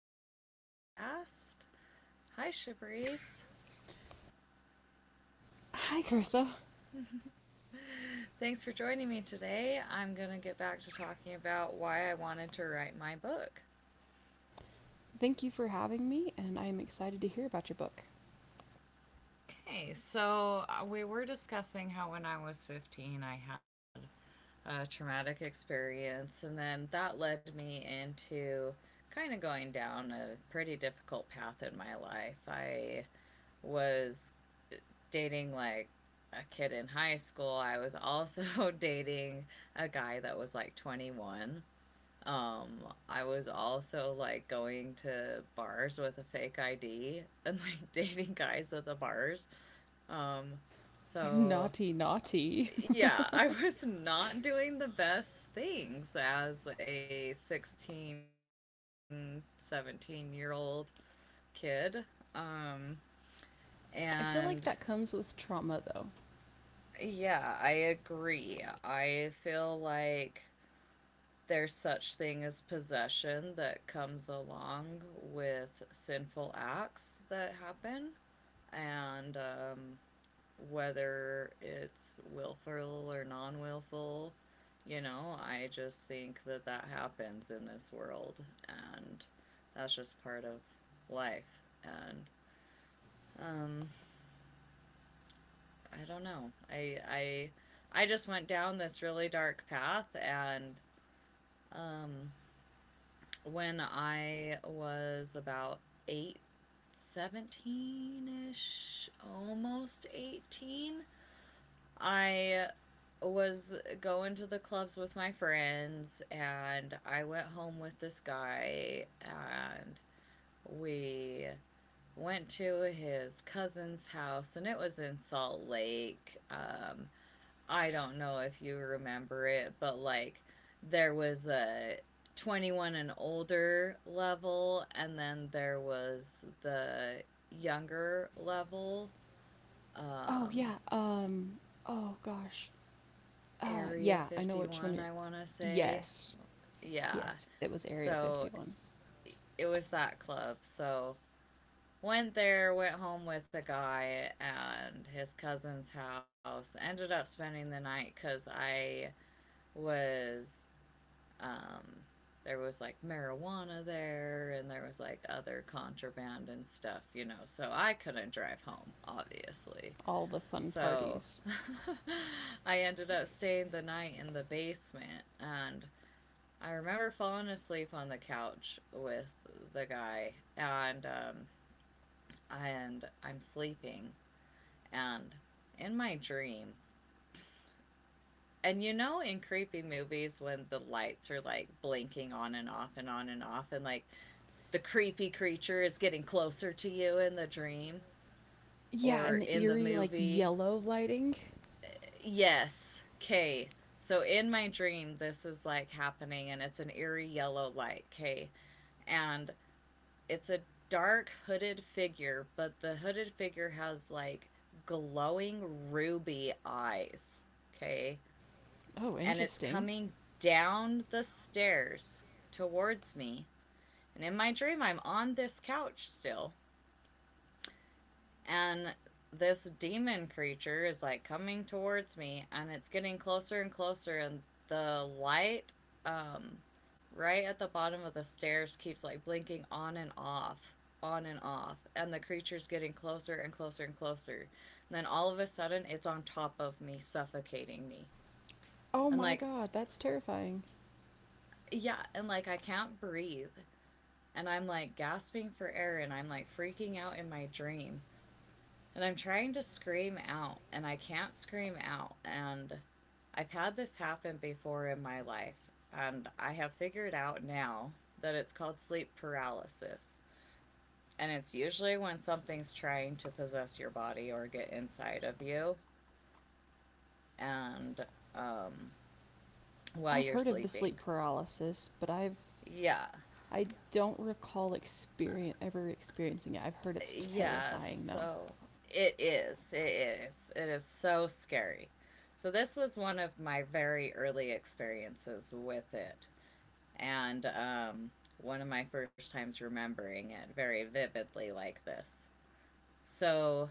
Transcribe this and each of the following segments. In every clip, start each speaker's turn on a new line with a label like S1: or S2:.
S1: Shabrice's podcast. Hi, Shabrice.
S2: Hi, Carissa.
S1: Thanks for joining me today. I'm going to get back to talking about why I wanted to write my book.
S2: Thank you for having me, and I am excited to hear about your book.
S1: Okay, we were discussing how when I was 15, I had a traumatic experience, and then that led me into kind of going down a pretty difficult path in my life. I was dating like a kid in high school. I was also dating a guy that was like 21. Um, I was also like going to bars with a fake ID and like dating guys at the bars. Um, so
S2: Naughty, naughty.
S1: yeah, I was not doing the best things as a 16, 17 year old kid. Um,
S2: I feel
S1: and
S2: like that comes with trauma, though.
S1: Yeah, I agree. I feel like there's such thing as possession that comes along with sinful acts that happen and whether it's willful or non-willful, you know, I just think that that happens in this world and that's just part of life and um I don't know. I just went down this really dark path and Um, when I was about eight, ish, almost 18, I was going to the clubs with my friends, and I went home with this guy, and we went to his cousin's house, and it was in Salt Lake. I don't know if you remember it, but like there was a 21 and older level, and then there was the younger level,
S2: Oh,
S1: um,
S2: yeah. Oh, gosh.
S1: Area
S2: Yeah, I know which one
S1: 51,
S2: you're.
S1: I want to say.
S2: Yes.
S1: Yeah.
S2: Yes, it was Area
S1: So
S2: 51.
S1: it was that club. So went there, went home with a guy and his cousin's house, ended up spending the night because I was Um, there was like marijuana there, and there was like other contraband and stuff, you know. So I couldn't drive home, obviously.
S2: All the fun
S1: So
S2: parties.
S1: I ended up staying the night in the basement, and I remember falling asleep on the couch with the guy, and I'm sleeping, and in my dream, and you know, in creepy movies when the lights are like blinking on and off and on and off, and like the creepy creature is getting closer to you in the dream
S2: Yeah, and
S1: or
S2: the
S1: in the
S2: eerie, like,
S1: movie.
S2: yellow lighting.
S1: Yes. Okay. So in my dream, this is like happening, and it's an eerie yellow light. Okay. And it's a dark hooded figure, but the hooded figure has like glowing ruby eyes. Okay.
S2: Oh,
S1: And it's
S2: interesting.
S1: coming down the stairs towards me. And in my dream, I'm on this couch still. And this demon creature is like coming towards me, and it's getting closer and closer, and the light um right at the bottom of the stairs keeps like blinking on and off, on and off, and the creature's getting closer and closer and closer, and then all of a sudden it's on top of me suffocating me,
S2: Oh
S1: and
S2: my
S1: like
S2: god, that's terrifying.
S1: yeah, and like I can't breathe, and I'm like gasping for air, and I'm like freaking out in my dream, and I'm trying to scream out, and I can't scream out. And I've had this happen before in my life, and I have figured out now that it's called sleep paralysis. And it's usually when something's trying to possess your body or get inside of you and um, while
S2: I've
S1: you're
S2: heard of the sleep
S1: sleeping.
S2: paralysis, but
S1: Yeah.
S2: I don't recall experience ever experiencing it. I've heard it's
S1: Yeah.
S2: terrifying though.
S1: So it is. It is. It is so scary. So this was one of my very early experiences with it, and one of my first times remembering it very vividly like this. So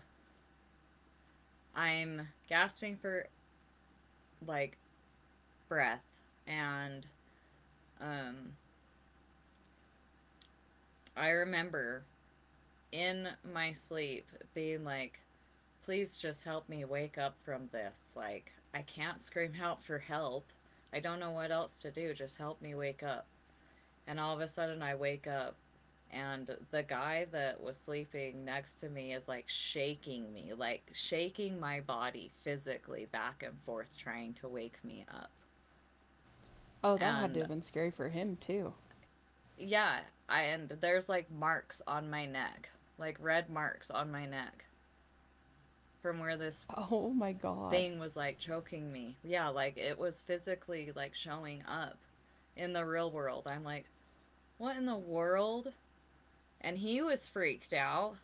S1: I'm gasping for like breath, and um, I remember in my sleep being like, please just help me wake up from this. Like, I can't scream out for help. I don't know what else to do. Just help me wake up. And all of a sudden, I wake up, and the guy that was sleeping next to me is like shaking me, like shaking my body physically back and forth, trying to wake me up.
S2: Oh, that had to
S1: And
S2: have been scary for him too.
S1: yeah, I, and there's like marks on my neck, like red marks on my neck from where this
S2: Oh my god.
S1: thing was like choking me. Yeah, like it was physically like showing up in the real world. I'm like, what in the world? And he was freaked out.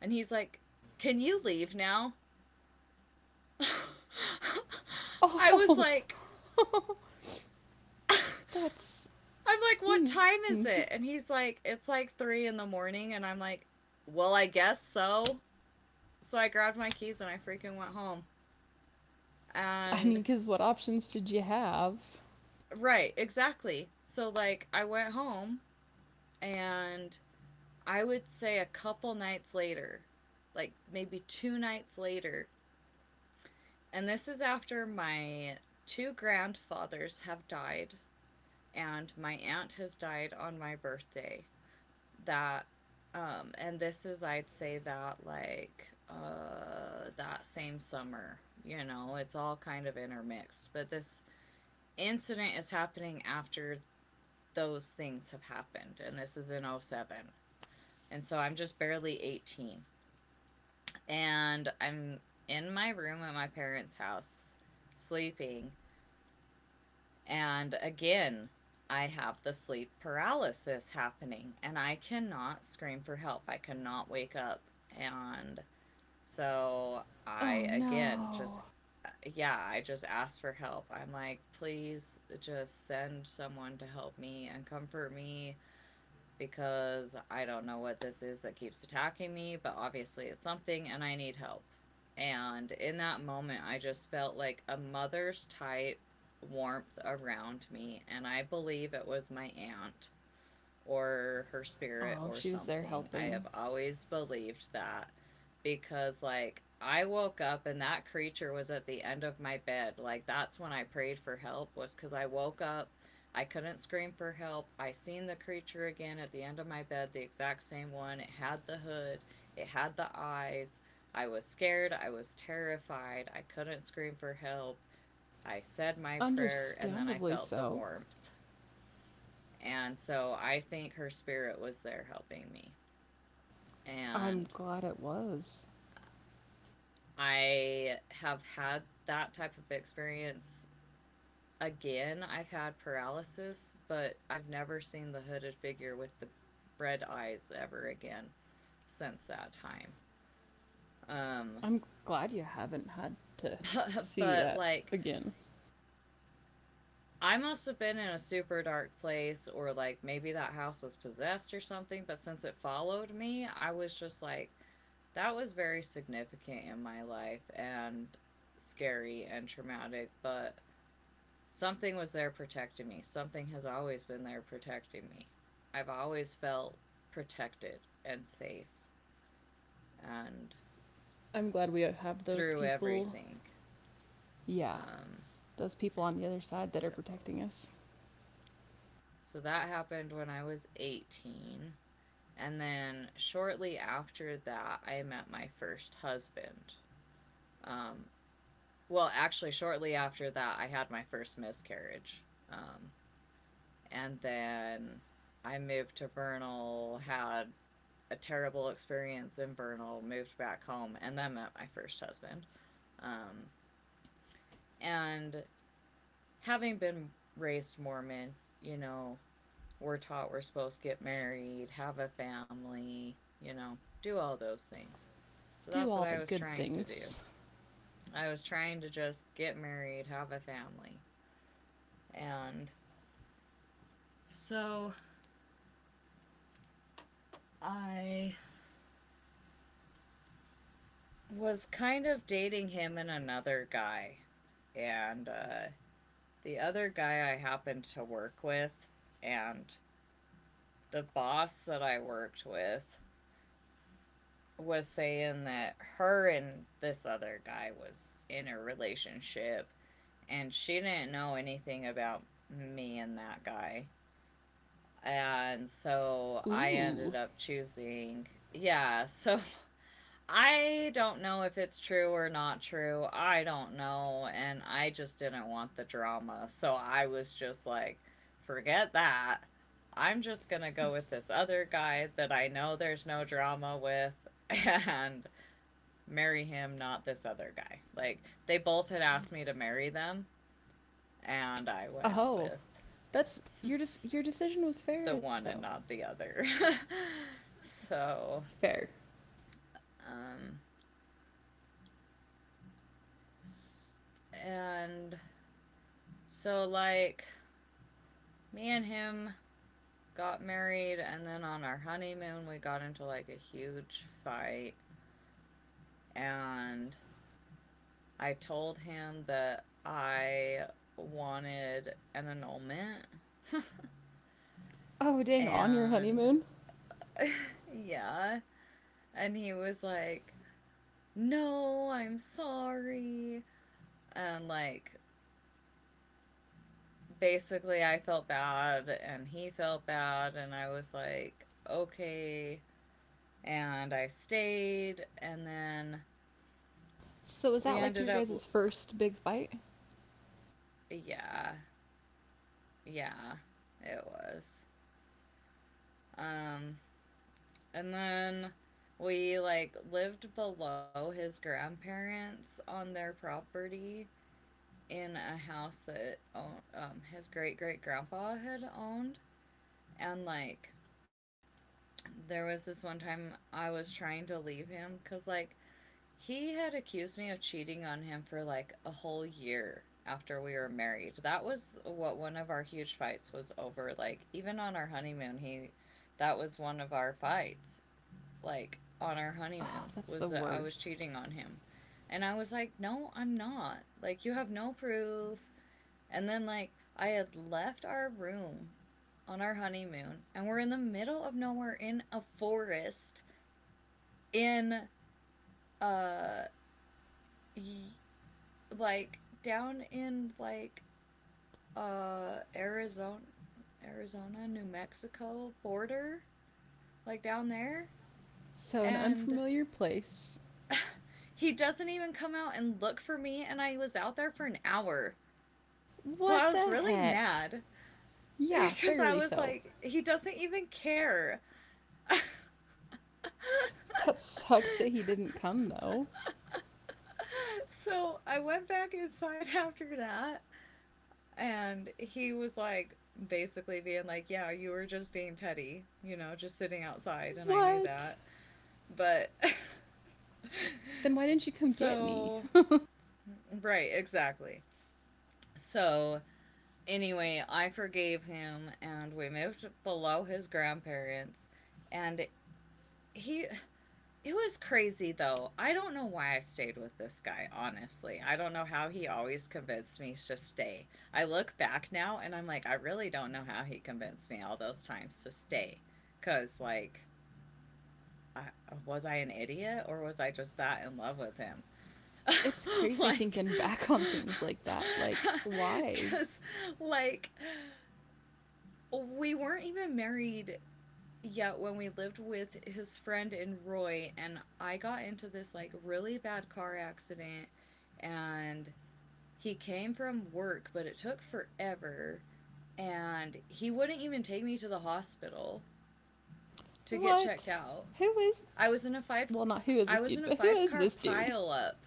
S1: And he's like, "Can you leave now?" I was
S2: Oh,
S1: like, I'm
S2: that's.
S1: like, "What time
S2: Mm.
S1: is it?" And he's like, "It's like three in the morning." And I'm like, "Well, I guess so." So I grabbed my keys and I freaking went home.
S2: I
S1: And
S2: mean, because what options did you have?
S1: right, exactly. So, like, I went home, and I would say a couple nights later, like maybe two nights later, and this is after my two grandfathers have died and my aunt has died on my birthday. That, and this is, I'd say that that same summer. You know, it's all kind of intermixed, but this incident is happening after those things have happened, and this is in '07. And so I'm just barely 18, and I'm in my room at my parents' house sleeping. And again, I have the sleep paralysis happening, and I cannot scream for help. I cannot wake up. And so
S2: Oh
S1: I, again, just,
S2: no.
S1: yeah, I just asked for help. I'm like, please just send someone to help me and comfort me because I don't know what this is that keeps attacking me, but obviously it's something and I need help. And in that moment, I just felt like a mother's type warmth around me, and I believe it was my aunt or her spirit
S2: Oh,
S1: or
S2: she was there
S1: something. I
S2: helping.
S1: have always believed that because like I woke up and that creature was at the end of my bed. Like that's when I prayed for help was cuz I woke up, I couldn't scream for help. I seen the creature again at the end of my bed, the exact same one. It had the hood, it had the eyes. I was scared, I was terrified. I couldn't scream for help. I said my prayer, and then I
S2: Understandably
S1: felt the
S2: so.
S1: warmth. And so I think her spirit was there helping me.
S2: I'm
S1: And
S2: glad it was.
S1: I have had that type of experience again. I've had paralysis, but I have never seen the hooded figure with the red eyes ever again since that time. Um,
S2: I'm glad you haven't had to
S1: but,
S2: see
S1: but
S2: that
S1: like,
S2: again.
S1: I must have been in a super dark place, or like maybe that house was possessed or something. But since it followed me, I was just like, that was very significant in my life and scary and traumatic. But something was there protecting me. Something has always been there protecting me. I've always felt protected and safe and
S2: I'm glad we have those
S1: through
S2: people.
S1: everything.
S2: Yeah,
S1: Um,
S2: those people on the other side that are
S1: so,
S2: protecting us.
S1: so that happened when I was 18. And then shortly after that, I met my first husband. Um, well, actually, shortly after that, I had my first miscarriage. Um, and then I moved to Vernal, had a terrible experience in Vernal, moved back home, and then met my first husband. Um, and having been raised Mormon, you know, we're taught we're supposed to get married, have a family, you know, do all those things. So
S2: Do
S1: that's what
S2: all the
S1: I was
S2: good
S1: trying to do.
S2: things.
S1: I was trying to just get married, have a family. And so I was kind of dating him and another guy. And The other guy I happened to work with, and the boss that I worked with was saying that her and this other guy was in a relationship and she didn't know anything about me and that guy. And so I ended
S2: Ooh.
S1: up choosing, yeah, so I don't know if it's true or not true. I don't know. And I just didn't want the drama. So I was just like, forget that. I'm just going to go with this other guy that I know there's no drama with and marry him, not this other guy. Like, they both had asked me to marry them. And I went
S2: Oh,
S1: with
S2: that's your your decision was
S1: the
S2: fair though.
S1: one and not the other. so,
S2: Fair.
S1: um, and so, like, me and him got married, and then on our honeymoon, we got into like a huge fight. And I told him that I wanted an annulment.
S2: Oh dang, on your
S1: and
S2: honeymoon.
S1: yeah. And he was like, "No, I'm sorry." And like, basically, I felt bad, and he felt bad, and I was like, "Okay." And I stayed, and then
S2: So is that
S1: we
S2: like your
S1: ended up,
S2: guys' first big fight?
S1: yeah, yeah, it was. Um, and then we like lived below his grandparents on their property in a house that his great great grandpa had owned. And like, there was this one time I was trying to leave him because like he had accused me of cheating on him for like a whole year after we were married. That was what one of our huge fights was over. Like even on our honeymoon, he that was one of our fights. Like on our
S2: Oh,
S1: honeymoon
S2: that's
S1: was
S2: the
S1: that I was
S2: worst.
S1: cheating on him. And I was like, "No, I'm not. "Like you have no proof." And then I had left our room on our honeymoon, and we're in the middle of nowhere in a forest in uh like down in like Arizona, Arizona New Mexico border, like down there.
S2: So an
S1: And
S2: unfamiliar place.
S1: he doesn't even come out and look for me, and I was out there for an hour, so
S2: What
S1: I was
S2: the
S1: really
S2: heck?
S1: mad
S2: Yeah,
S1: because I
S2: fairly
S1: was
S2: so.
S1: like, he doesn't even care.
S2: That sucks that he didn't come though.
S1: So I went back inside after that. And he was like, basically being like, yeah, you were just being petty, just sitting outside, and I knew
S2: What?
S1: that. But
S2: Then why didn't you come get me?
S1: so, right, exactly. So anyway, I forgave him, and we moved below his grandparents. And he, it was crazy though. I don't know why I stayed with this guy, honestly. I don't know how he always convinced me to stay. I look back now and I'm like, I really don't know how he convinced me all those times to stay. Cause like, I, was I an idiot, or was I just that in love with him?
S2: It's crazy
S1: like,
S2: thinking back on things like that. Like, why?
S1: cause like, we weren't even married, yeah, when we lived with his friend in Roy, and I got into this like really bad car accident. And he came from work, but it took forever, and he wouldn't even take me to the hospital to get checked
S2: What?
S1: out.
S2: Who is.
S1: I was in a five,
S2: Well, not who is
S1: I
S2: this
S1: was in a
S2: dude, but who
S1: five
S2: is
S1: car
S2: this dude?
S1: pile up.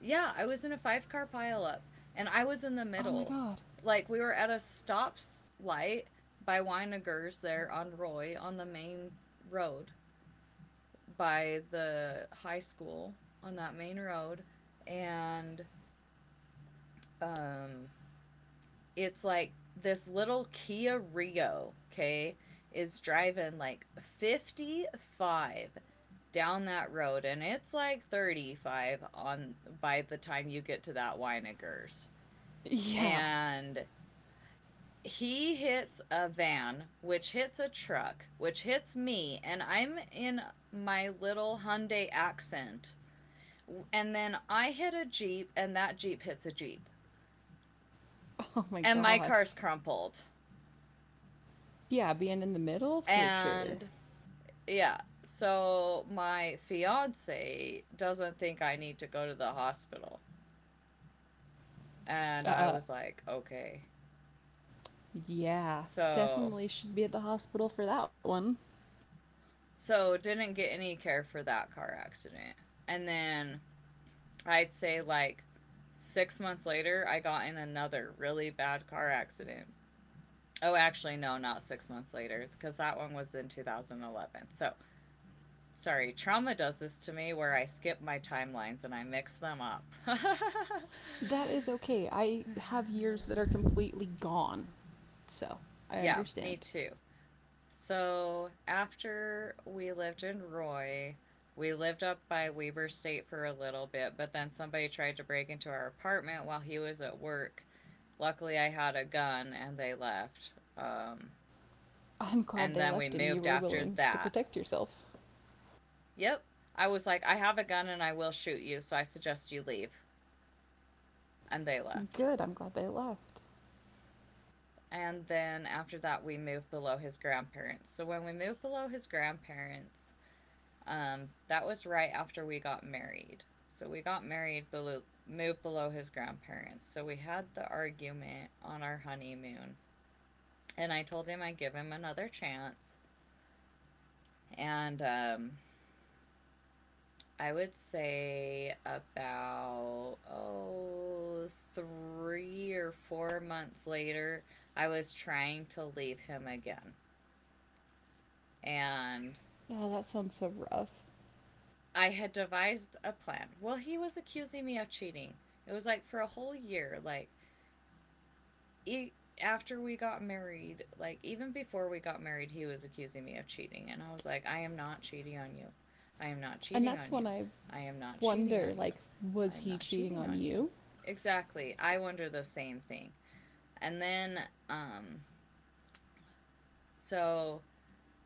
S1: Yeah, I was in a five car pile up, and I was in the
S2: Oh
S1: middle,
S2: my god.
S1: like we were at a stop light by Weinigers there on Roy on the main road, by the high school on that main road. And um, it's like this little Kia Rio, okay, is driving like 55 down that road, and it's like 35 on by the time you get to that Weinigers.
S2: Yeah.
S1: And he hits a van, which hits a truck, which hits me, and I'm in my little Hyundai accent, and then I hit a Jeep, and that Jeep hits a Jeep, and
S2: Oh
S1: my
S2: my
S1: car's
S2: god.
S1: crumpled.
S2: Yeah, being in the middle for sure.
S1: And yeah, so my fiance doesn't think I need to go to the hospital. And I
S2: Uh,
S1: was like, okay.
S2: yeah.
S1: So,
S2: Definitely should be at the hospital for that one.
S1: so didn't get any care for that car accident. And then I'd say like 6 months later, I got in another really bad car accident. Oh, actually, no, not 6 months later, because that one was in 2011. So, sorry, trauma does this to me where I skip my timelines and I mix them up.
S2: That is okay. I have years that are completely gone. So, I
S1: Yeah, me
S2: understand.
S1: too. So after we lived in Roy, we lived up by Weber State for a little bit, but then somebody tried to break into our apartment while he was at work. Luckily, I had a gun and they left. Um,
S2: I'm glad
S1: and
S2: they
S1: then we
S2: left and you
S1: moved
S2: were
S1: after
S2: willing to protect
S1: that.
S2: yourself.
S1: Yep. I was like, I have a gun and I will shoot you, so I suggest you leave. And they left.
S2: Good, I'm glad they left.
S1: And then after that, we moved below his grandparents. So when we moved below his grandparents, that was right after we got married. So we got married below, moved below his grandparents. So we had the argument on our honeymoon, and I told him I'd give him another chance. And I would say about oh 3 or 4 months later, I was trying to leave him again, and
S2: Oh, that sounds so rough.
S1: I had devised a plan. Well, he was accusing me of cheating. It was like for a whole year. E- After we got married, like even before we got married, he was accusing me of cheating. And I was like, I am not cheating on you. I am not
S2: And
S1: cheating
S2: that's
S1: on you.
S2: when I
S1: I am not cheating
S2: wonder
S1: on you.
S2: like,
S1: I
S2: was
S1: am
S2: he
S1: not
S2: cheating
S1: cheating
S2: on
S1: on you.
S2: you?
S1: Exactly. I wonder the same thing. And then, um, so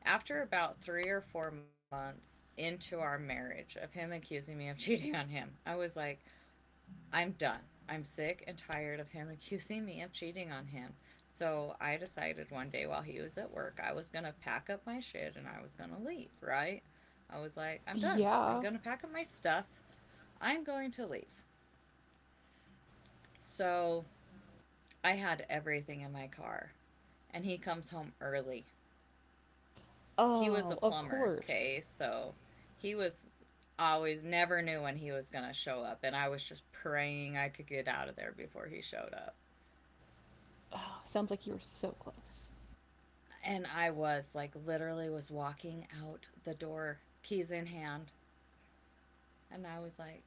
S1: after about 3 or 4 months into our marriage of him accusing me of cheating on him, I was like, I'm done. I'm sick and tired of him accusing me of cheating on him. So I decided one day while he was at work, I was going to pack up my shit and I was going to leave, right? I was like, I'm done. I'm
S2: Yeah.
S1: going to pack up my stuff. I'm going to leave. So I had everything in my car. And he comes home early. He was
S2: Oh,
S1: a
S2: of
S1: plumber,
S2: course.
S1: okay? So he was always never knew when he was going to show up, and I was just praying I could get out of there before he showed up.
S2: Oh, sounds like you were so close.
S1: And I was like literally was walking out the door, keys in hand, and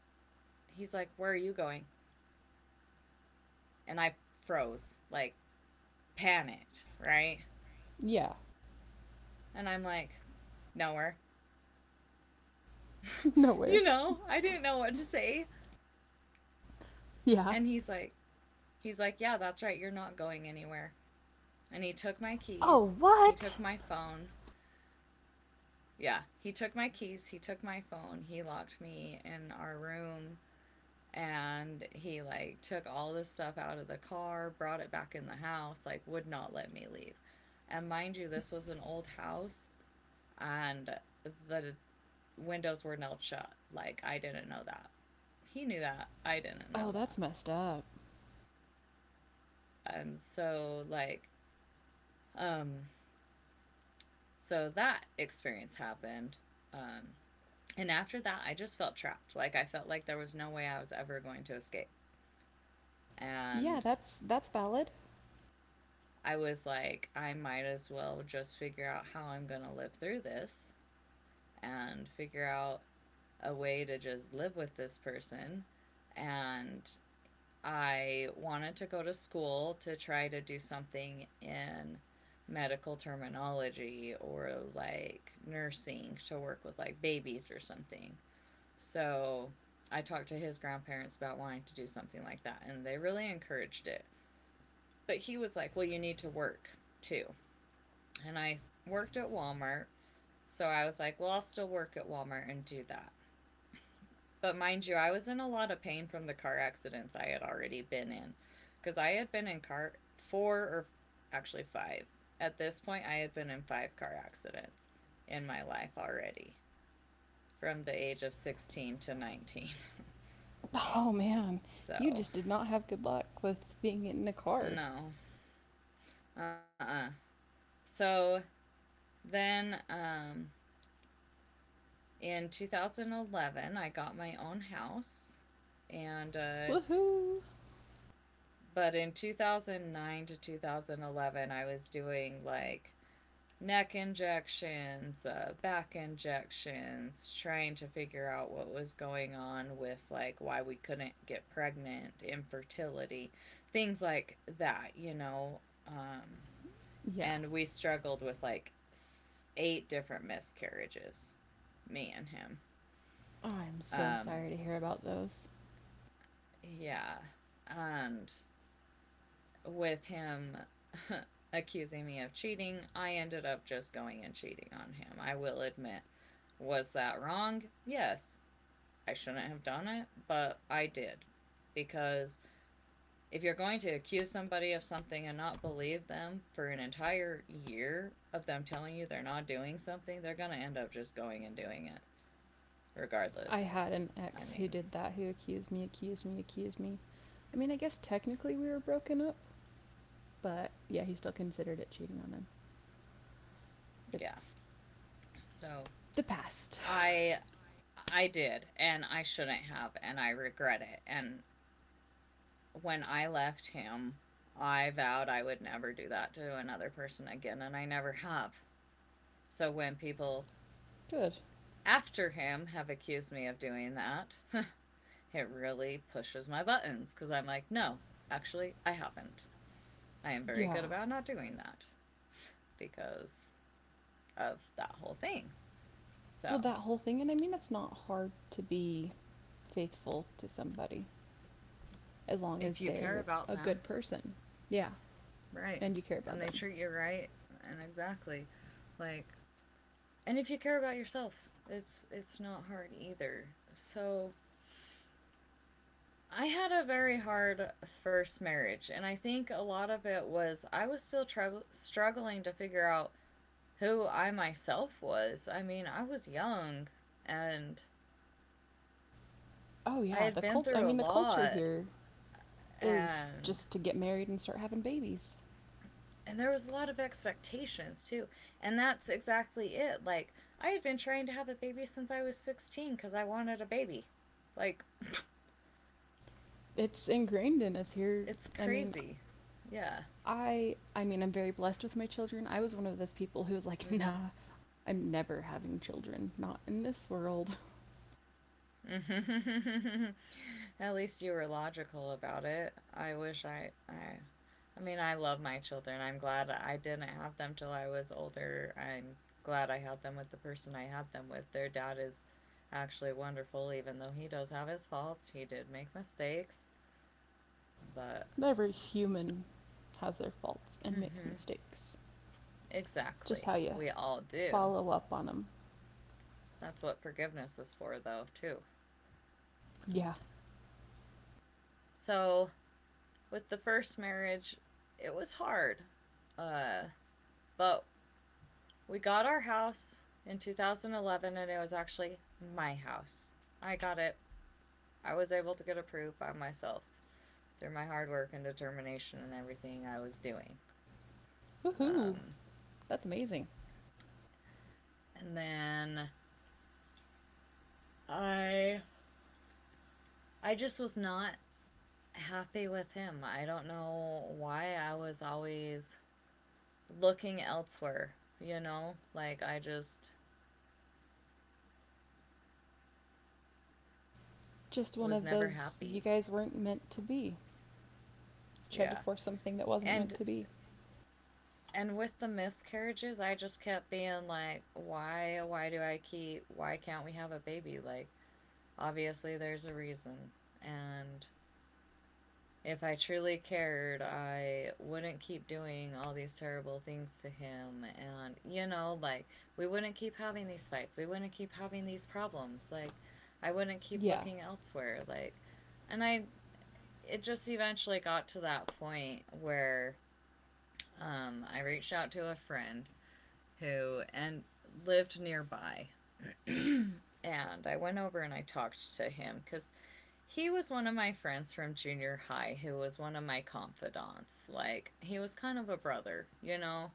S1: he's like, where are you going? And I froze, like panicked, right?
S2: Yeah,
S1: And I'm like, nowhere.
S2: nowhere.
S1: You know, I didn't know what to say.
S2: Yeah.
S1: And he's like, yeah, that's right, you're not going anywhere. And he took my
S2: Oh,
S1: keys, he
S2: what?
S1: took my phone. Yeah, he took my keys, he took my phone, he locked me in our room, and he like took all this stuff out of the car, brought it back in the house, like would not let me leave. And mind you, this was an old house, and the windows were nailed shut. Like I didn't know that. He knew that. I didn't know
S2: Oh,
S1: that.
S2: that's messed up.
S1: And um so that experience happened. Um and after that I just felt trapped. Like I felt like there was no way I was ever going to escape.
S2: Yeah,
S1: And
S2: that's valid.
S1: I was like, I might as well just figure out how I'm going to live through this and figure out a way to just live with this person. And I wanted to go to school to try to do something in medical terminology, or like nursing to work with like babies or something. So I talked to his grandparents about wanting to do something like that, and they really encouraged it. But he was like, well, you need to work too. And I worked at Walmart. So I was like, well, I'll still work at Walmart and do that. But mind you, I was in a lot of pain from the car accidents I had already been in, because I had been in car four or actually five. At this point, I had been in five car accidents in my life already, from the age of 16 to 19.
S2: Oh man, you
S1: So,
S2: just did not have good luck with being in a car.
S1: no. Uh uh So then in 2011, I got my own house, and
S2: Woohoo.
S1: but in 2009 to 2011, I was doing like neck injections, back injections, trying to figure out what was going on with like why we couldn't get pregnant, infertility, things like that, you know. Um,
S2: Yeah.
S1: and we struggled with like 8 different miscarriages, me and him.
S2: I'm so
S1: Um,
S2: sorry to hear about those.
S1: yeah. And with him accusing me of cheating, I ended up just going and cheating on him. I will admit. Was that wrong? Yes. I shouldn't have done it, but I did. Because if you're going to accuse somebody of something and not believe them for an entire year of them telling you they're not doing something, they're going to end up just going and doing it
S2: I
S1: regardless.
S2: had an
S1: I
S2: ex who
S1: mean,
S2: did that who accused me. I mean, I guess technically we were broken up, but yeah, he still considered it cheating on him. It,
S1: yeah. So,
S2: the past.
S1: I I did, and I shouldn't have, and I regret it. And when I left him, I vowed I would never do that to another person again, and I never have. So when people
S2: Good.
S1: after him have accused me of doing that, it really pushes my buttons, because I'm like, no, actually, I haven't. I am very
S2: Yeah.
S1: good about not doing that because of that whole thing.
S2: Well,
S1: So
S2: that whole thing, and I mean, it's not hard to be faithful to somebody as long
S1: if
S2: as
S1: you care
S2: they're
S1: about
S2: a
S1: them,
S2: good person. Yeah,
S1: right,
S2: and you care
S1: and
S2: about
S1: they
S2: them.
S1: treat you right, and exactly, like, and if you care about yourself, it's not hard either. So I had a very hard first marriage, and I think a lot of it was I was still struggling to figure out who I myself was. I mean, I was young, and
S2: Oh
S1: I
S2: yeah,
S1: had been through a
S2: the culture
S1: lot,
S2: here is
S1: and
S2: just to get married and start having babies.
S1: and there was a lot of expectations too. And that's exactly it. Like, I had been trying to have a baby since I was 16 cuz I wanted a baby. Like
S2: It's ingrained in us here.
S1: it's
S2: I mean,
S1: crazy. Yeah.
S2: I mean, I'm very blessed with my children. I was one of those people who was like, "Nah, I'm never having children. Not in this world."
S1: Mhm. At least you were logical about it. I mean, I love my children. I'm glad I didn't have them till I was older. I'm glad I had them with the person I had them with. Their dad is actually wonderful, even though he does have his faults. He did make mistakes, but
S2: Every human has their faults and makes
S1: mhm,
S2: mistakes.
S1: exactly,
S2: Just how
S1: we
S2: you
S1: all do.
S2: follow up on them.
S1: That's what forgiveness is for, though, too. And
S2: Yeah.
S1: so, with the first marriage, it was hard, uh, but we got our house in 2011, and it was actually my house. I got it. I was able to get approved by myself through my hard work and determination and everything I was doing.
S2: Woohoo!
S1: Um,
S2: That's amazing.
S1: and then I I just was not happy with him. I don't know why I was always looking elsewhere, Like I just
S2: Just one
S1: was
S2: of
S1: never
S2: those you
S1: happy.
S2: guys weren't meant to be. Tried to
S1: Yeah.
S2: force something that wasn't meant
S1: And
S2: to be.
S1: And with the miscarriages, I just kept being like, why do I keep, why can't we have a baby? Like, obviously there's a reason. And if I truly cared, I wouldn't keep doing all these terrible things to him. And, you know, like, we wouldn't keep having these fights. We wouldn't keep having these problems. Like, I wouldn't keep
S2: Yeah.
S1: looking elsewhere. And I, it just eventually got to that point where I reached out to a friend who and lived nearby. And I went over and I talked to him because he was one of my friends from junior high who was one of my confidants. Like, he was kind of a brother,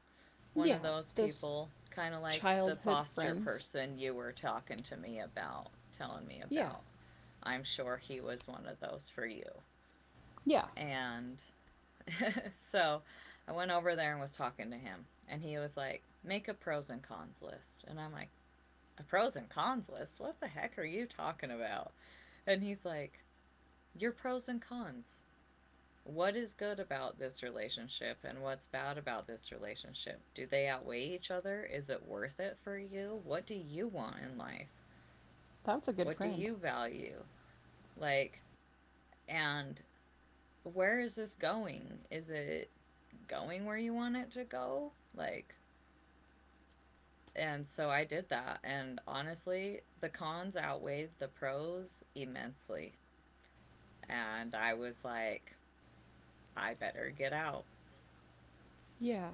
S1: one of
S2: Yeah.
S1: those
S2: Those
S1: people, kind of like the
S2: childhood
S1: foster
S2: friends.
S1: person you were talking to me about, telling me
S2: Yeah.
S1: about. I'm sure he was one of those for you.
S2: Yeah.
S1: And so I went over there and was talking to him, and he was like, "Make a pros and cons list." And I'm like, a pros and cons list. What the heck are you talking about? And he's like, "Your pros and cons. What is good about this relationship and what's bad about this relationship? Do they outweigh each other? Is it worth it for you? What do you want in life?
S2: That's a good
S1: What do
S2: friend.
S1: you value? Like, and where is this going? Is it going where you want it to go?" Like, and so I did that. And honestly, the cons outweighed the pros immensely. And I was like, I better get out.
S2: Yeah.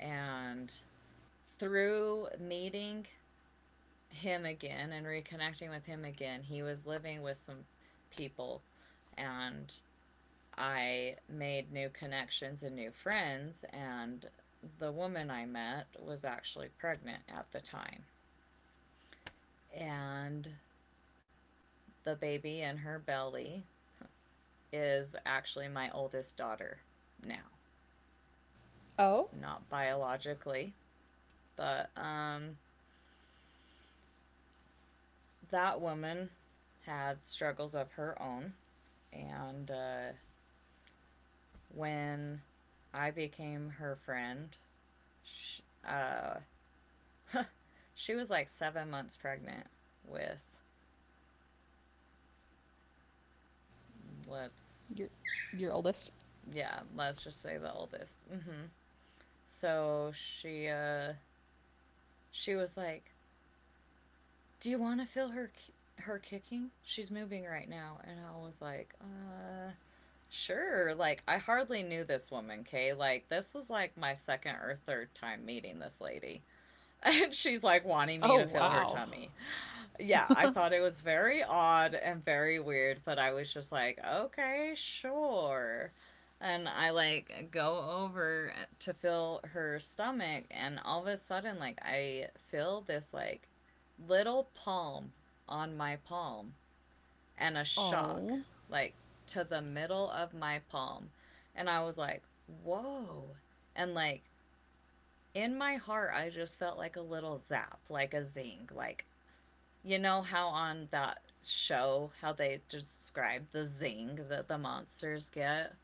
S1: And through meeting him again and reconnecting with him again, he was living with some people and I made new connections and new friends, and the woman I met was actually pregnant at the time. And the baby in her belly is actually my oldest daughter now,
S2: Oh?
S1: not biologically, but that woman had struggles of her own, and when I became her friend, she, uh, she was like 7 months pregnant with, let's,
S2: Your your oldest?
S1: yeah, let's just say the oldest. So she, uh, she was like, "Do you want to feel her kicking? She's moving right now." And I was like, "Uh. Sure." Like I hardly knew this woman, Kay. Like this was like my second or third time meeting this lady. And she's like wanting
S2: Oh
S1: me to feel her
S2: wow.
S1: tummy. Yeah, I thought it was very odd and very weird, but I was just like, okay, sure. And I like go over to feel her stomach, and all of a sudden, like, I feel this like little palm on my palm and a shock,
S2: Oh.
S1: like to the middle of my palm. And I was like, whoa. And like in my heart, I just felt like a little zap, like a zing. Like, you know how on that show, how they describe the zing that the monsters get?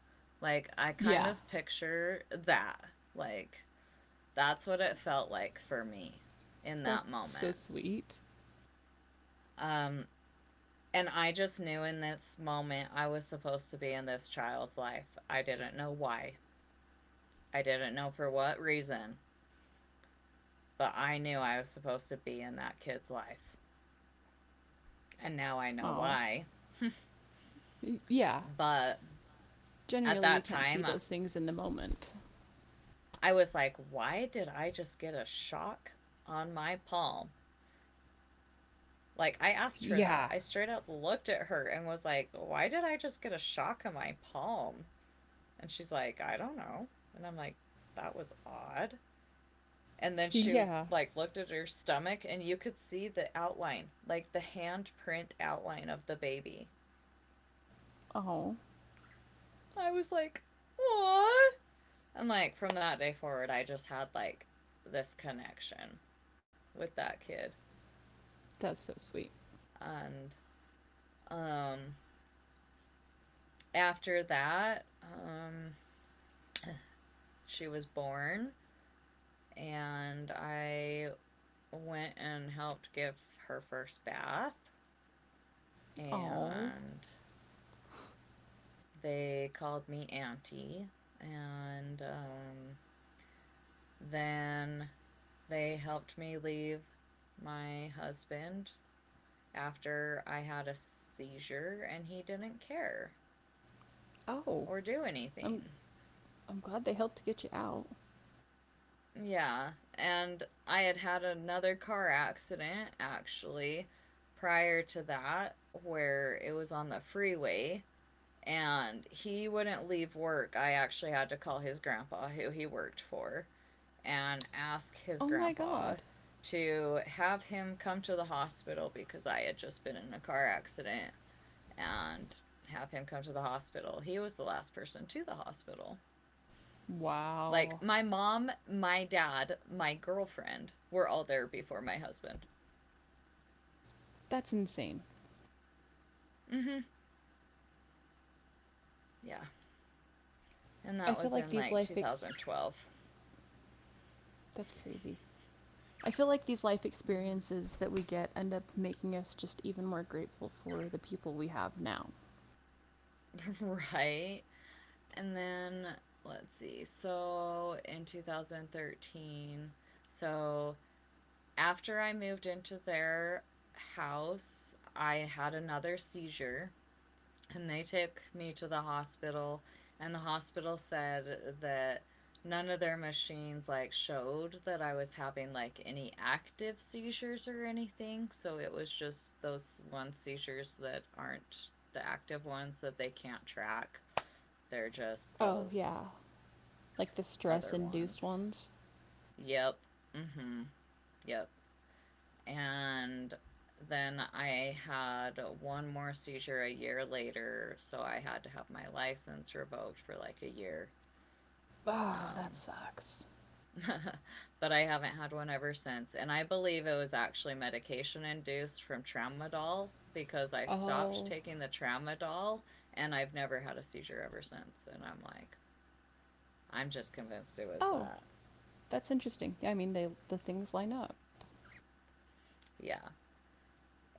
S1: Like, I kind
S2: Yeah.
S1: of picture that. Like, that's what it felt like for me in that
S2: That's so
S1: moment.
S2: sweet.
S1: Um, And I just knew in this moment I was supposed to be in this child's life. I didn't know why. I didn't know for what reason, but I knew I was supposed to be in that kid's life. And now I know
S2: Oh.
S1: why.
S2: Yeah.
S1: But at
S2: Generally, we
S1: that
S2: can't see
S1: time, I-
S2: those things in the moment.
S1: was like, why did I just get a shock on my palm? Like, I asked her that.
S2: Yeah.
S1: I straight up looked at her and was like, why did I just get a shock on my palm? And she's like, I don't know. And I'm like, that was odd. And then she
S2: Yeah.
S1: like looked at her stomach and you could see the outline, like the handprint outline of the baby.
S2: Oh,
S1: I was like, "What?" And like from that day forward, I just had like this connection with that kid.
S2: that's so sweet.
S1: And um after that, she was born and I went and helped give her first bath,
S2: Oh,
S1: and they called me Auntie, and then they helped me leave my husband after I had a seizure, and he didn't care
S2: Oh.
S1: or do anything.
S2: I'm I'm glad they helped get you out.
S1: Yeah, and I had had another car accident actually prior to that where it was on the freeway and he wouldn't leave work. I actually had to call his grandpa who he worked for and ask his
S2: Oh my
S1: grandpa
S2: god.
S1: to have him come to the hospital because I had just been in a car accident and have him come to the hospital. He was the last person to the hospital. Like
S2: Wow.
S1: my mom, my dad, my girlfriend were all there before my husband.
S2: That's insane.
S1: Mhm. Yeah. And
S2: I
S1: that
S2: feel
S1: was
S2: like
S1: in
S2: these
S1: like
S2: life ex
S1: 2012.
S2: that's crazy. I feel like these life experiences that we get end up making us just even more grateful for the people we have now.
S1: Right. And then let's see. So in 2013, so after I moved into their house, I had another seizure, and they took me to the hospital, and the hospital said that none of their machines like showed that I was having like any active seizures or anything, so it was just those one seizures that aren't the active ones that they can't track. They're just
S2: Oh,
S1: those
S2: yeah. Like the stress
S1: other
S2: induced
S1: ones.
S2: ones.
S1: Yep. Mhm. Yep. And then I had one more seizure a year later, so I had to have my license revoked for like a year.
S2: Oh, that
S1: Um,
S2: sucks.
S1: but I haven't had one ever since. And I believe it was actually medication induced from tramadol because I stopped
S2: Oh.
S1: taking the tramadol and I've never had a seizure ever since. And I'm like, I'm just convinced it was
S2: Oh,
S1: that.
S2: that's interesting. Yeah, I mean the things line up.
S1: Yeah.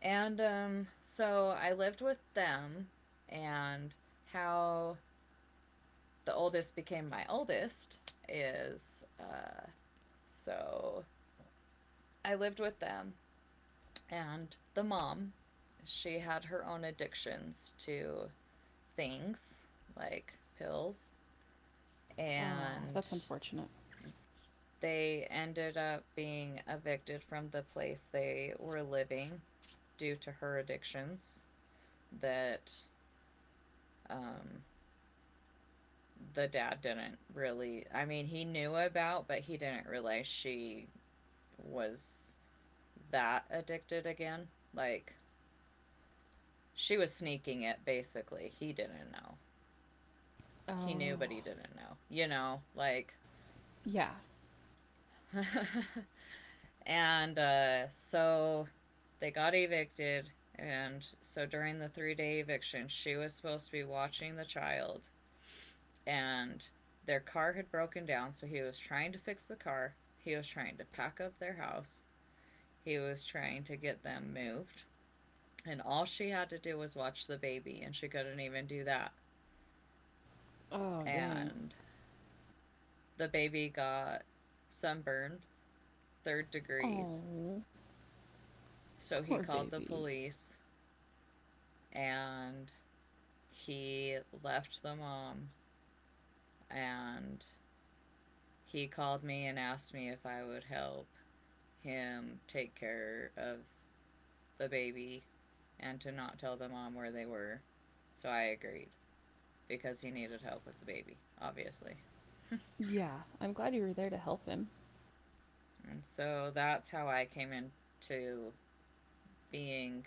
S1: And so I lived with them and how the oldest became my oldest is so I lived with them, and the mom, she had her own addictions to things like pills,
S2: Oh,
S1: and
S2: that's unfortunate.
S1: they ended up being evicted from the place they were living due to her addictions that um, the dad didn't really, I mean, he knew about, but he didn't realize she was that addicted again. Like, she was sneaking it basically. He didn't know. He knew, but
S2: Oh.
S1: he didn't know. You know, like.
S2: Yeah.
S1: and so they got evicted. And so during the 3 day eviction, she was supposed to be watching the child. And their car had broken down. So he was trying to fix the car. He was trying to pack up their house. He was trying to get them moved, and all she had to do was watch the baby and she couldn't even do that,
S2: Oh, dang.
S1: and the baby got sunburned third degrees,
S2: Oh,
S1: so
S2: poor
S1: he called the
S2: baby.
S1: police and he left the mom, and he called me and asked me if I would help him take care of the baby and to not tell the mom where they were. So I agreed because he needed help with the baby, obviously.
S2: Yeah, I'm glad you were there to help him.
S1: And so that's how I came into being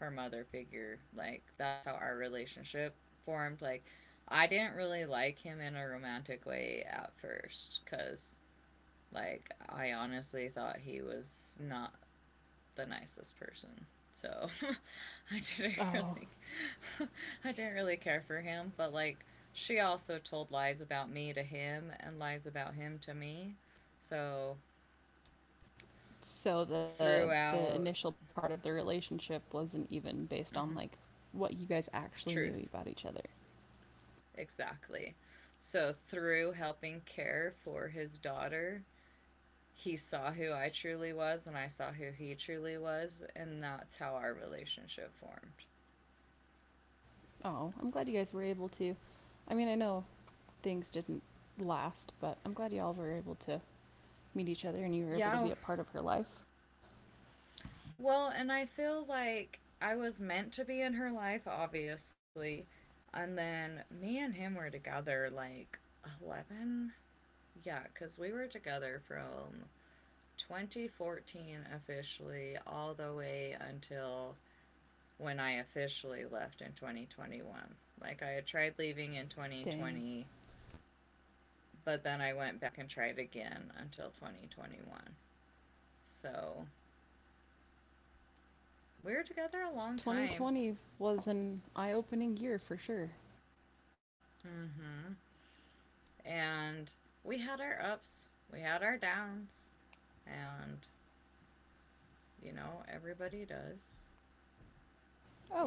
S1: her mother figure. Like that's how our relationship formed. Like I didn't really like him in a romantic way at first cuz like I honestly thought he was not the nicest person. So I didn't
S2: Oh,
S1: really I didn't really care for him, but like she also told lies about me to him and lies about him to me. So
S2: so the
S1: throughout
S2: initial part of the relationship wasn't even based on like
S1: mhm,
S2: what you guys actually knew
S1: truth.
S2: about each other.
S1: Exactly. So through helping care for his daughter, he saw who I truly was and I saw who he truly was, and that's how our relationship formed.
S2: Oh, I'm glad you guys were able to. I mean, I know things didn't last, but I'm glad y'all were able to meet each other and you were able to be
S1: Yeah.
S2: a part of her life.
S1: Well, and I feel like I was meant to be in her life, obviously. And then me and him were together like 11. Yeah, because we were together from 2014 officially all the way until when I officially left in 2021. Like I had tried leaving in
S2: Dang.
S1: 2020, but then I went back and tried again until 2021. So we were together a long time.
S2: 2020 was an eye opening year for sure.
S1: Mm-hmm. And we had our ups, we had our downs, and you know, everybody does.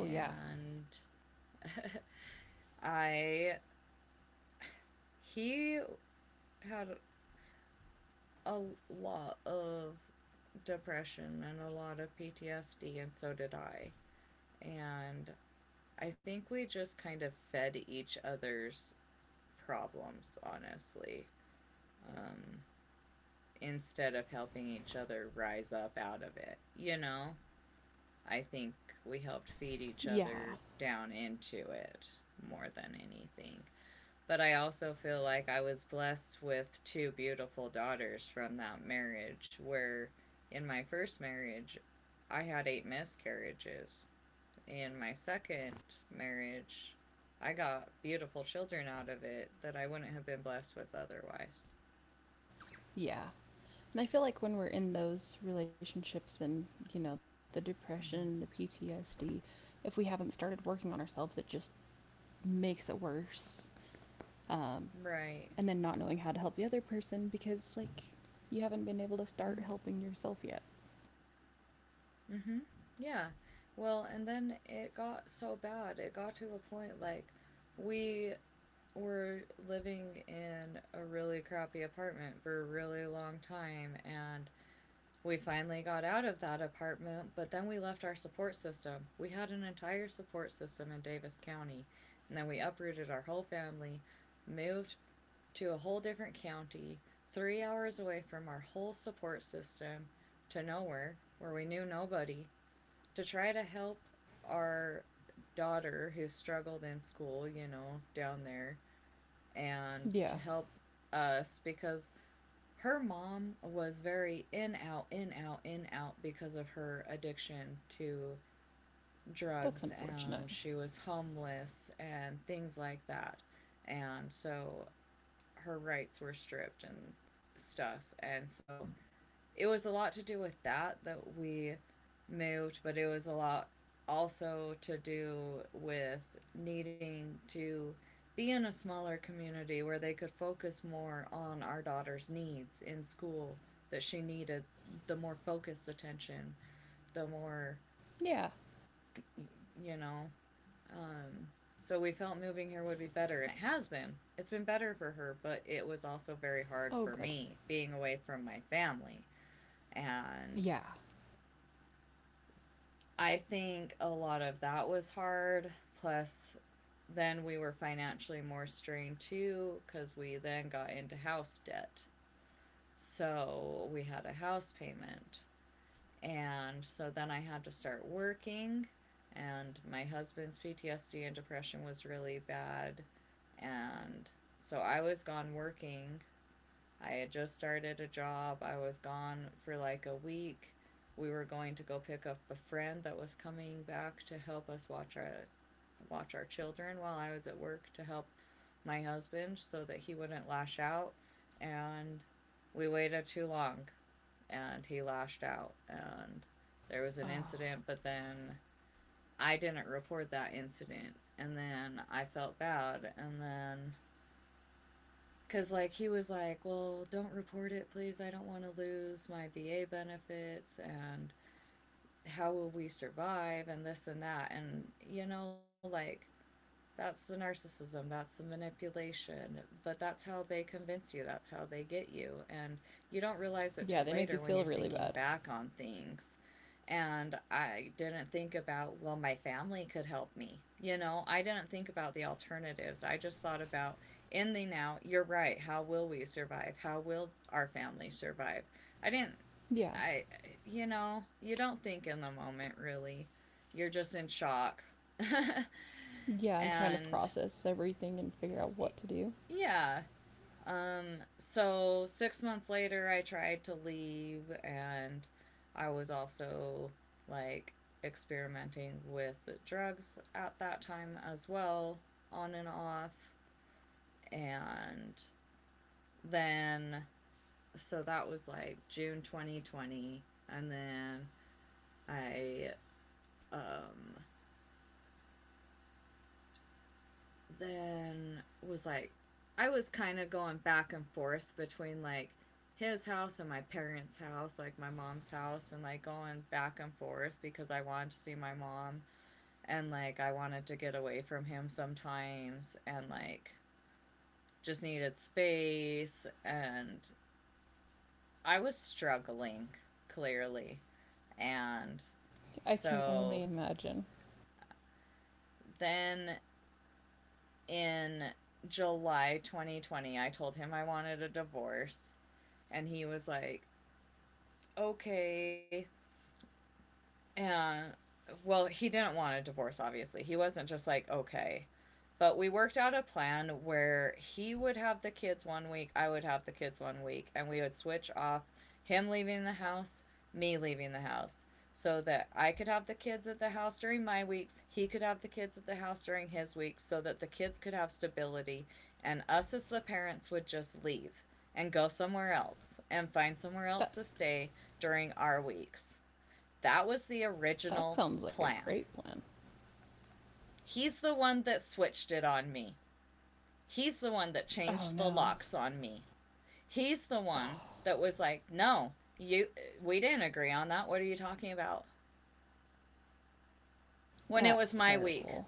S2: Oh, yeah.
S1: I, he had a lot of depression and a lot of PTSD, and so did I. And I think we just kind of fed each other's problems, honestly, um, instead of helping each other rise up out of it. You know, I think we helped feed
S2: Yeah.
S1: each other down into it more than anything. But I also feel like I was blessed with two beautiful daughters from that marriage, where in my first marriage, I had 8 miscarriages. In my second marriage, I got beautiful children out of it that I wouldn't have been blessed with otherwise.
S2: Yeah. And I feel like when we're in those relationships and, you know, the depression, the
S1: Mm-hmm.
S2: PTSD, if we haven't started working on ourselves, it just makes it worse. Um, and
S1: Right.
S2: then not knowing how to help the other person because, like, you haven't been able to start helping yourself yet.
S1: Mm-hmm. Yeah. Well, and then it got so bad. It got to a point like we were living in a really crappy apartment for a really long time, and we finally got out of that apartment, but then we left our support system. We had an entire support system in Davis County, and then we uprooted our whole family, moved to a whole different county, 3 hours away from our whole support system, to nowhere, where we knew nobody, to try to help our daughter who struggled in school, you know, down there, and
S2: Yeah.
S1: to help us because her mom was very in out in out in out because of her addiction to
S2: That's
S1: drugs
S2: unfortunate.
S1: and she was homeless and things like that and so her rights were stripped and stuff and so it was a lot to do with that that we moved, but it was a lot also to do with needing to be in a smaller community where they could focus more on our daughter's needs in school that she needed the more focused attention, the more
S2: Yeah.
S1: you know, um so we felt moving here would be better and it has been. It's been better for her, but it was also very
S2: Oh,
S1: hard
S2: good.
S1: for me being away from my family
S2: Yeah.
S1: and I think a lot of that was hard. Plus, then we were financially more strained too because we then got into house debt. So we had a house payment. And so then I had to start working. And my husband's PTSD and depression was really bad. And so I was gone working. I had just started a job. I was gone for like a week. We were going to go pick up a friend that was coming back to help us watch our children while I was at work to help my husband so that he wouldn't lash out and we waited too long and he lashed out and there
S2: Oh.
S1: was an incident. But then I didn't report that incident and then I felt bad. And then because, like, he was like, well, don't report it, please. I don't want to lose my VA benefits. And how will we survive? And this and that. And, you know, like, that's the narcissism, that's the manipulation, but that's how they convince you, that's how they get you. And you don't realize
S2: Yeah,
S1: it
S2: they
S1: till
S2: make you
S1: later
S2: feel
S1: when you're
S2: really bad.
S1: thinking back on things. And I didn't think about, well, my family could help me. You know, I didn't think about the alternatives. I just thought about in the now, you're right, how will we survive? How will our family survive? I didn't.
S2: Yeah.
S1: I You know, you don't think in the moment really. You're just in shock.
S2: Yeah, I'm trying to
S1: And
S2: process everything and figure out what to do.
S1: yeah. So 6 months later, I tried to leave, and I was also like experimenting with drugs at that time as well, on and off. And then, so that was like June 2020. And then I um, then was like I was kind of going back and forth between like his house and my parents' house, like my mom's house, and like going back and forth because I wanted to see my mom and like I wanted to get away from him sometimes and like just needed space and I was struggling clearly. And
S2: I can only
S1: so
S2: imagine.
S1: then in July 2020, I told him I wanted a divorce and he was like, okay. And well, he didn't want a divorce, obviously. He wasn't just like, okay. But we worked out a plan where he would have the kids 1 week, I would have the kids 1 week, and we would switch off him leaving the house, me leaving the house, so that I could have the kids at the house during my weeks, he could have the kids at the house during his weeks, so that the kids could have stability, and us as the parents would just leave and go somewhere else and find somewhere
S2: That
S1: else to stay during our weeks. That was the
S2: that sounds like
S1: original
S2: a great
S1: plan.
S2: plan.
S1: He's the one that switched it on me. He's the one that
S2: Oh
S1: changed the
S2: no.
S1: locks on me. He's the one that was like, "No, you we didn't agree on that. What are you talking about?" When it
S2: That's
S1: was my week.
S2: terrible.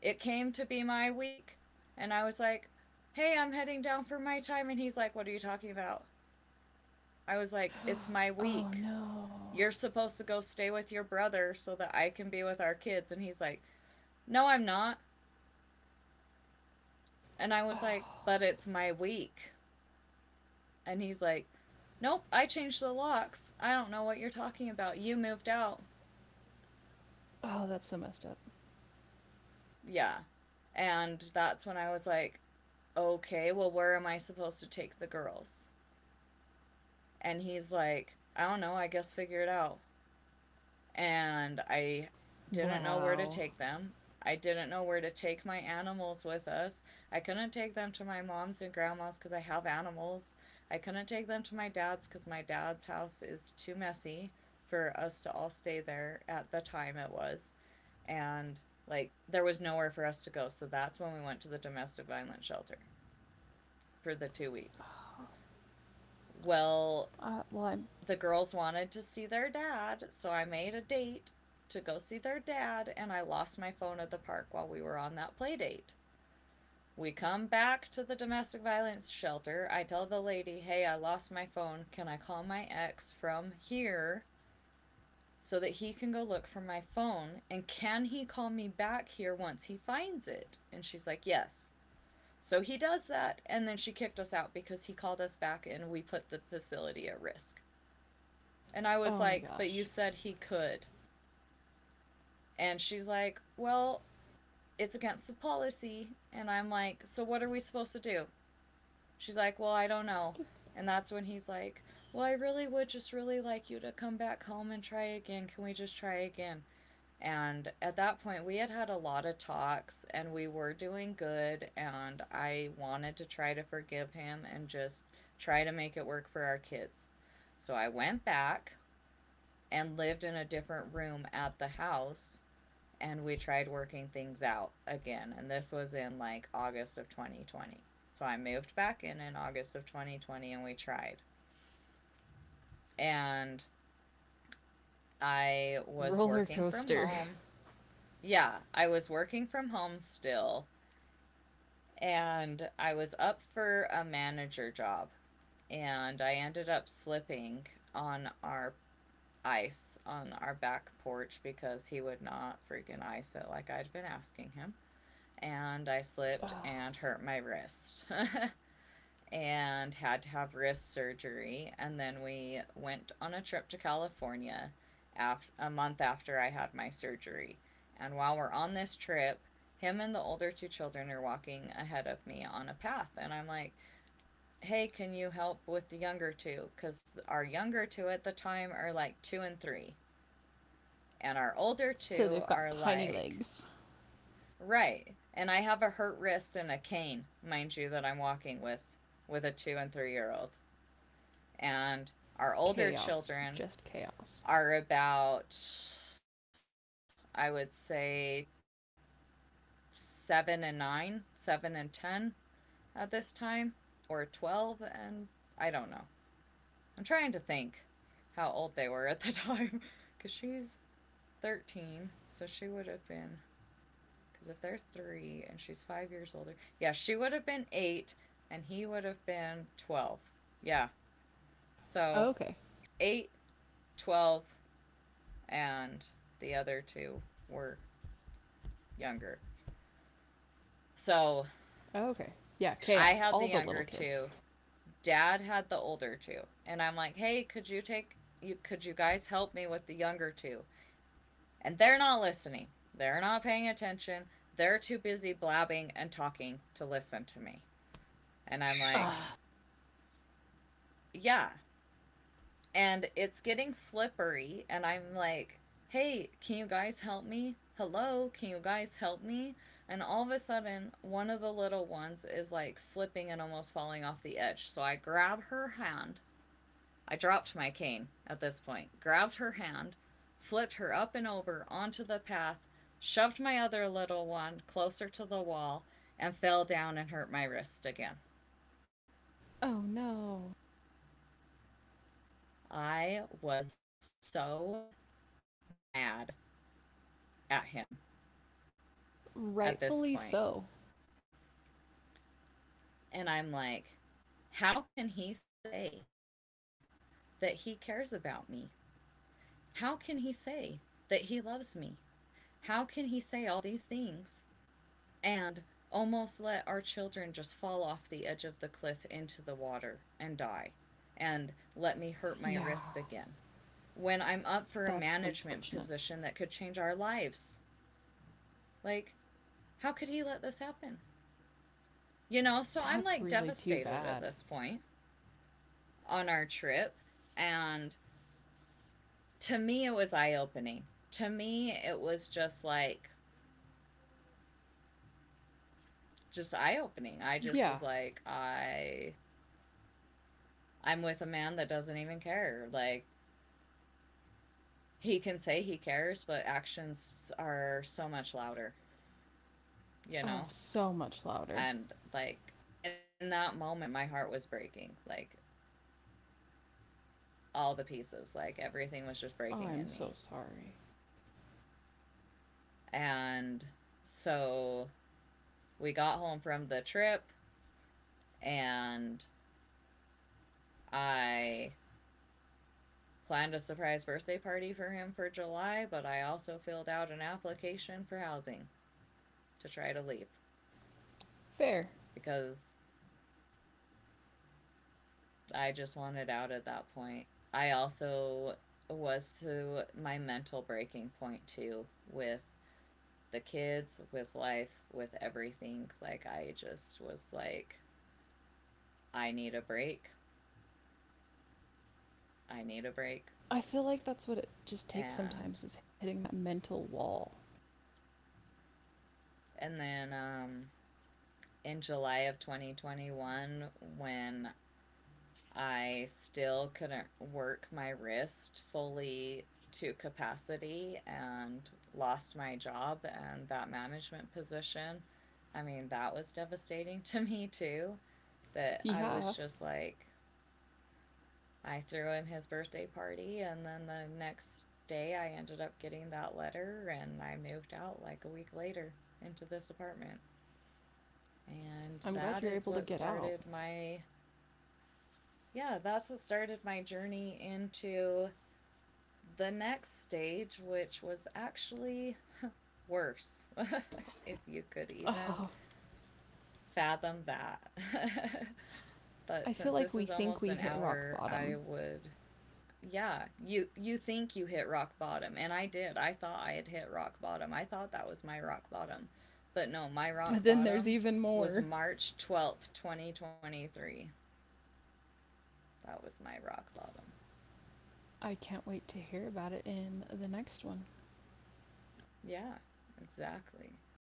S1: It came to be my week, and I was like, "Hey, I'm heading down for my time." And he's like, "What are you talking about?" I was like, "It's my
S2: Oh
S1: week.
S2: no.
S1: You're supposed to go stay with your brother so that I can be with our kids." And he's like, "No, I'm not." And I was like,
S2: Oh,
S1: "But it's my week." And he's like, "Nope, I changed the locks. I don't know what you're talking about. You moved out."
S2: oh that's so messed up.
S1: Yeah. And that's when I was like, okay, well, where am I supposed to take the girls? And he's like, I don't know, I guess figure it out. And I didn't know where
S2: Wow.
S1: to take them. I didn't know where to take my animals with us. I couldn't take them to my mom's and grandma's because I have animals. I couldn't take them to my dad's because my dad's house is too messy for us to all stay there at the time it was. And like there was nowhere for us to go. So that's when we went to the domestic violence shelter for the 2 weeks. Well,
S2: Well, I'm.
S1: the girls wanted to see their dad, so I made a date to go see their dad, and I lost my phone at the park while we were on that play date. We come back to the domestic violence shelter. I tell the lady, hey, I lost my phone. Can I call my ex from here so that he can go look for my phone? And can he call me back here once he finds it? And she's like, yes. So he does that, and then she kicked us out because he called us back and we put the facility at risk. And I was
S2: Oh my
S1: like, but you
S2: gosh.
S1: said he could. And she's like, well, it's against the policy. And I'm like, so what are we supposed to do? She's like, well, I don't know. And that's when he's like, well, I really would just really like you to come back home and try again. Can we just try again? And at that point, we had had a lot of talks and we were doing good. And I wanted to try to forgive him and just try to make it work for our kids. So I went back and lived in a different room at the house and we tried working things out again and this was in like August of 2020. So I moved back in August of 2020 and we tried. And I
S2: What a
S1: was
S2: roller
S1: working from
S2: coaster.
S1: home. Yeah, I was working from home still and I was up for a manager job and I ended up slipping on our ice on our back porch because he would not freaking ice it like I'd been asking him. And I slipped
S2: Ugh.
S1: and hurt my wrist. And had to have wrist surgery and then we went on a trip to California after, a month after I had my surgery. And while we're on this trip, him and the older two children are walking ahead of me on a path and I'm like hey can you help with the younger two because our younger two at the time are like two and three and our older
S2: So
S1: two
S2: they've got
S1: are
S2: tiny
S1: like
S2: legs.
S1: right. And I have a hurt wrist and a cane, mind you, that I'm walking with a 2 and 3 year old. And our older
S2: Chaos.
S1: children
S2: Just chaos.
S1: are about I would say 7 and 9, 7 and 10 at this time or 12 and I don't know. I'm trying to think how old they were at the time cuz she's 13, so she would have been. Because if they're three and she's 5 years older, yeah, she would have been 8 and he would have been 12. Yeah. So
S2: Oh, okay.
S1: 8, 12, and the other two were younger. So
S2: Oh, okay. Yeah,
S1: I
S2: chaos.
S1: had the
S2: All the
S1: younger
S2: little kids.
S1: two. Dad had the older two. And I'm like, hey, could you take you could you guys help me with the younger two? And they're not listening. They're not paying attention. They're too busy blabbing and talking to listen to me. And I'm like,
S2: Ugh.
S1: yeah. And it's getting slippery, and I'm like, hey, can you guys help me? Hello, can you guys help me? And all of a sudden, one of the little ones is like slipping and almost falling off the edge. So I grab her hand. I dropped my cane at this point, grabbed her hand, flipped her up and over onto the path, shoved my other little one closer to the wall, and fell down and hurt my wrist again.
S2: Oh no.
S1: I was so mad at him. At this
S2: Rightfully
S1: point.
S2: so.
S1: And I'm like, how can he say that he cares about me? How can he say that he loves me? How can he say all these things and almost let our children just fall off the edge of the cliff into the water and die? And let me hurt my
S2: Yeah,
S1: wrist again when I'm up for a
S2: that's unfortunate.
S1: management position that could change our lives? Like, how could he let this happen? You know, so I'm
S2: That's
S1: like
S2: really too
S1: devastated at
S2: bad.
S1: this point on our trip. And to me it was eye opening. To me it was just like just eye opening. I just
S2: Yeah.
S1: was I'm with a man that doesn't even care. Like he can say he cares, but actions are so much louder, you
S2: Oh,
S1: know?
S2: so much louder.
S1: And like in that moment my heart was breaking. Like all the pieces, like everything was just breaking in
S2: I'm
S1: me.
S2: so sorry.
S1: And so we got home from the trip and I planned a surprise birthday party for him for July, but I also filled out an application for housing to try to leave
S2: Fair.
S1: because I just wanted out at that point. I also was to my mental breaking point too with the kids, with life, with everything. Like I just was like I need a break. I need a break.
S2: I feel like that's what it just takes
S1: And
S2: sometimes is hitting that mental wall.
S1: and then in July of 2021 when I still couldn't work my wrist fully to capacity and lost my job and that management position. I mean, that was devastating to me too. That I
S2: Yeah,
S1: was just like, I threw him his birthday party, and then the next day I ended up getting that letter, and I moved out like a week later into this apartment. And
S2: I'm glad
S1: that
S2: you're
S1: is
S2: able to
S1: what
S2: get out.
S1: started my, yeah, that's what started my journey into the next stage, which was actually worse, if you could even
S2: Oh,
S1: fathom that. But
S2: I feel
S1: since
S2: like
S1: this
S2: we
S1: is
S2: think
S1: almost
S2: we
S1: an
S2: hit rock
S1: hour, I
S2: bottom,
S1: would yeah, you think you hit rock bottom and I did. I thought I had hit rock bottom. I thought that was my rock bottom. But no, my
S2: but
S1: rock
S2: then there's
S1: bottom
S2: even
S1: was
S2: more.
S1: March 12th, 2023. That was my rock bottom.
S2: I can't wait to hear about it in the next one.
S1: Yeah, exactly.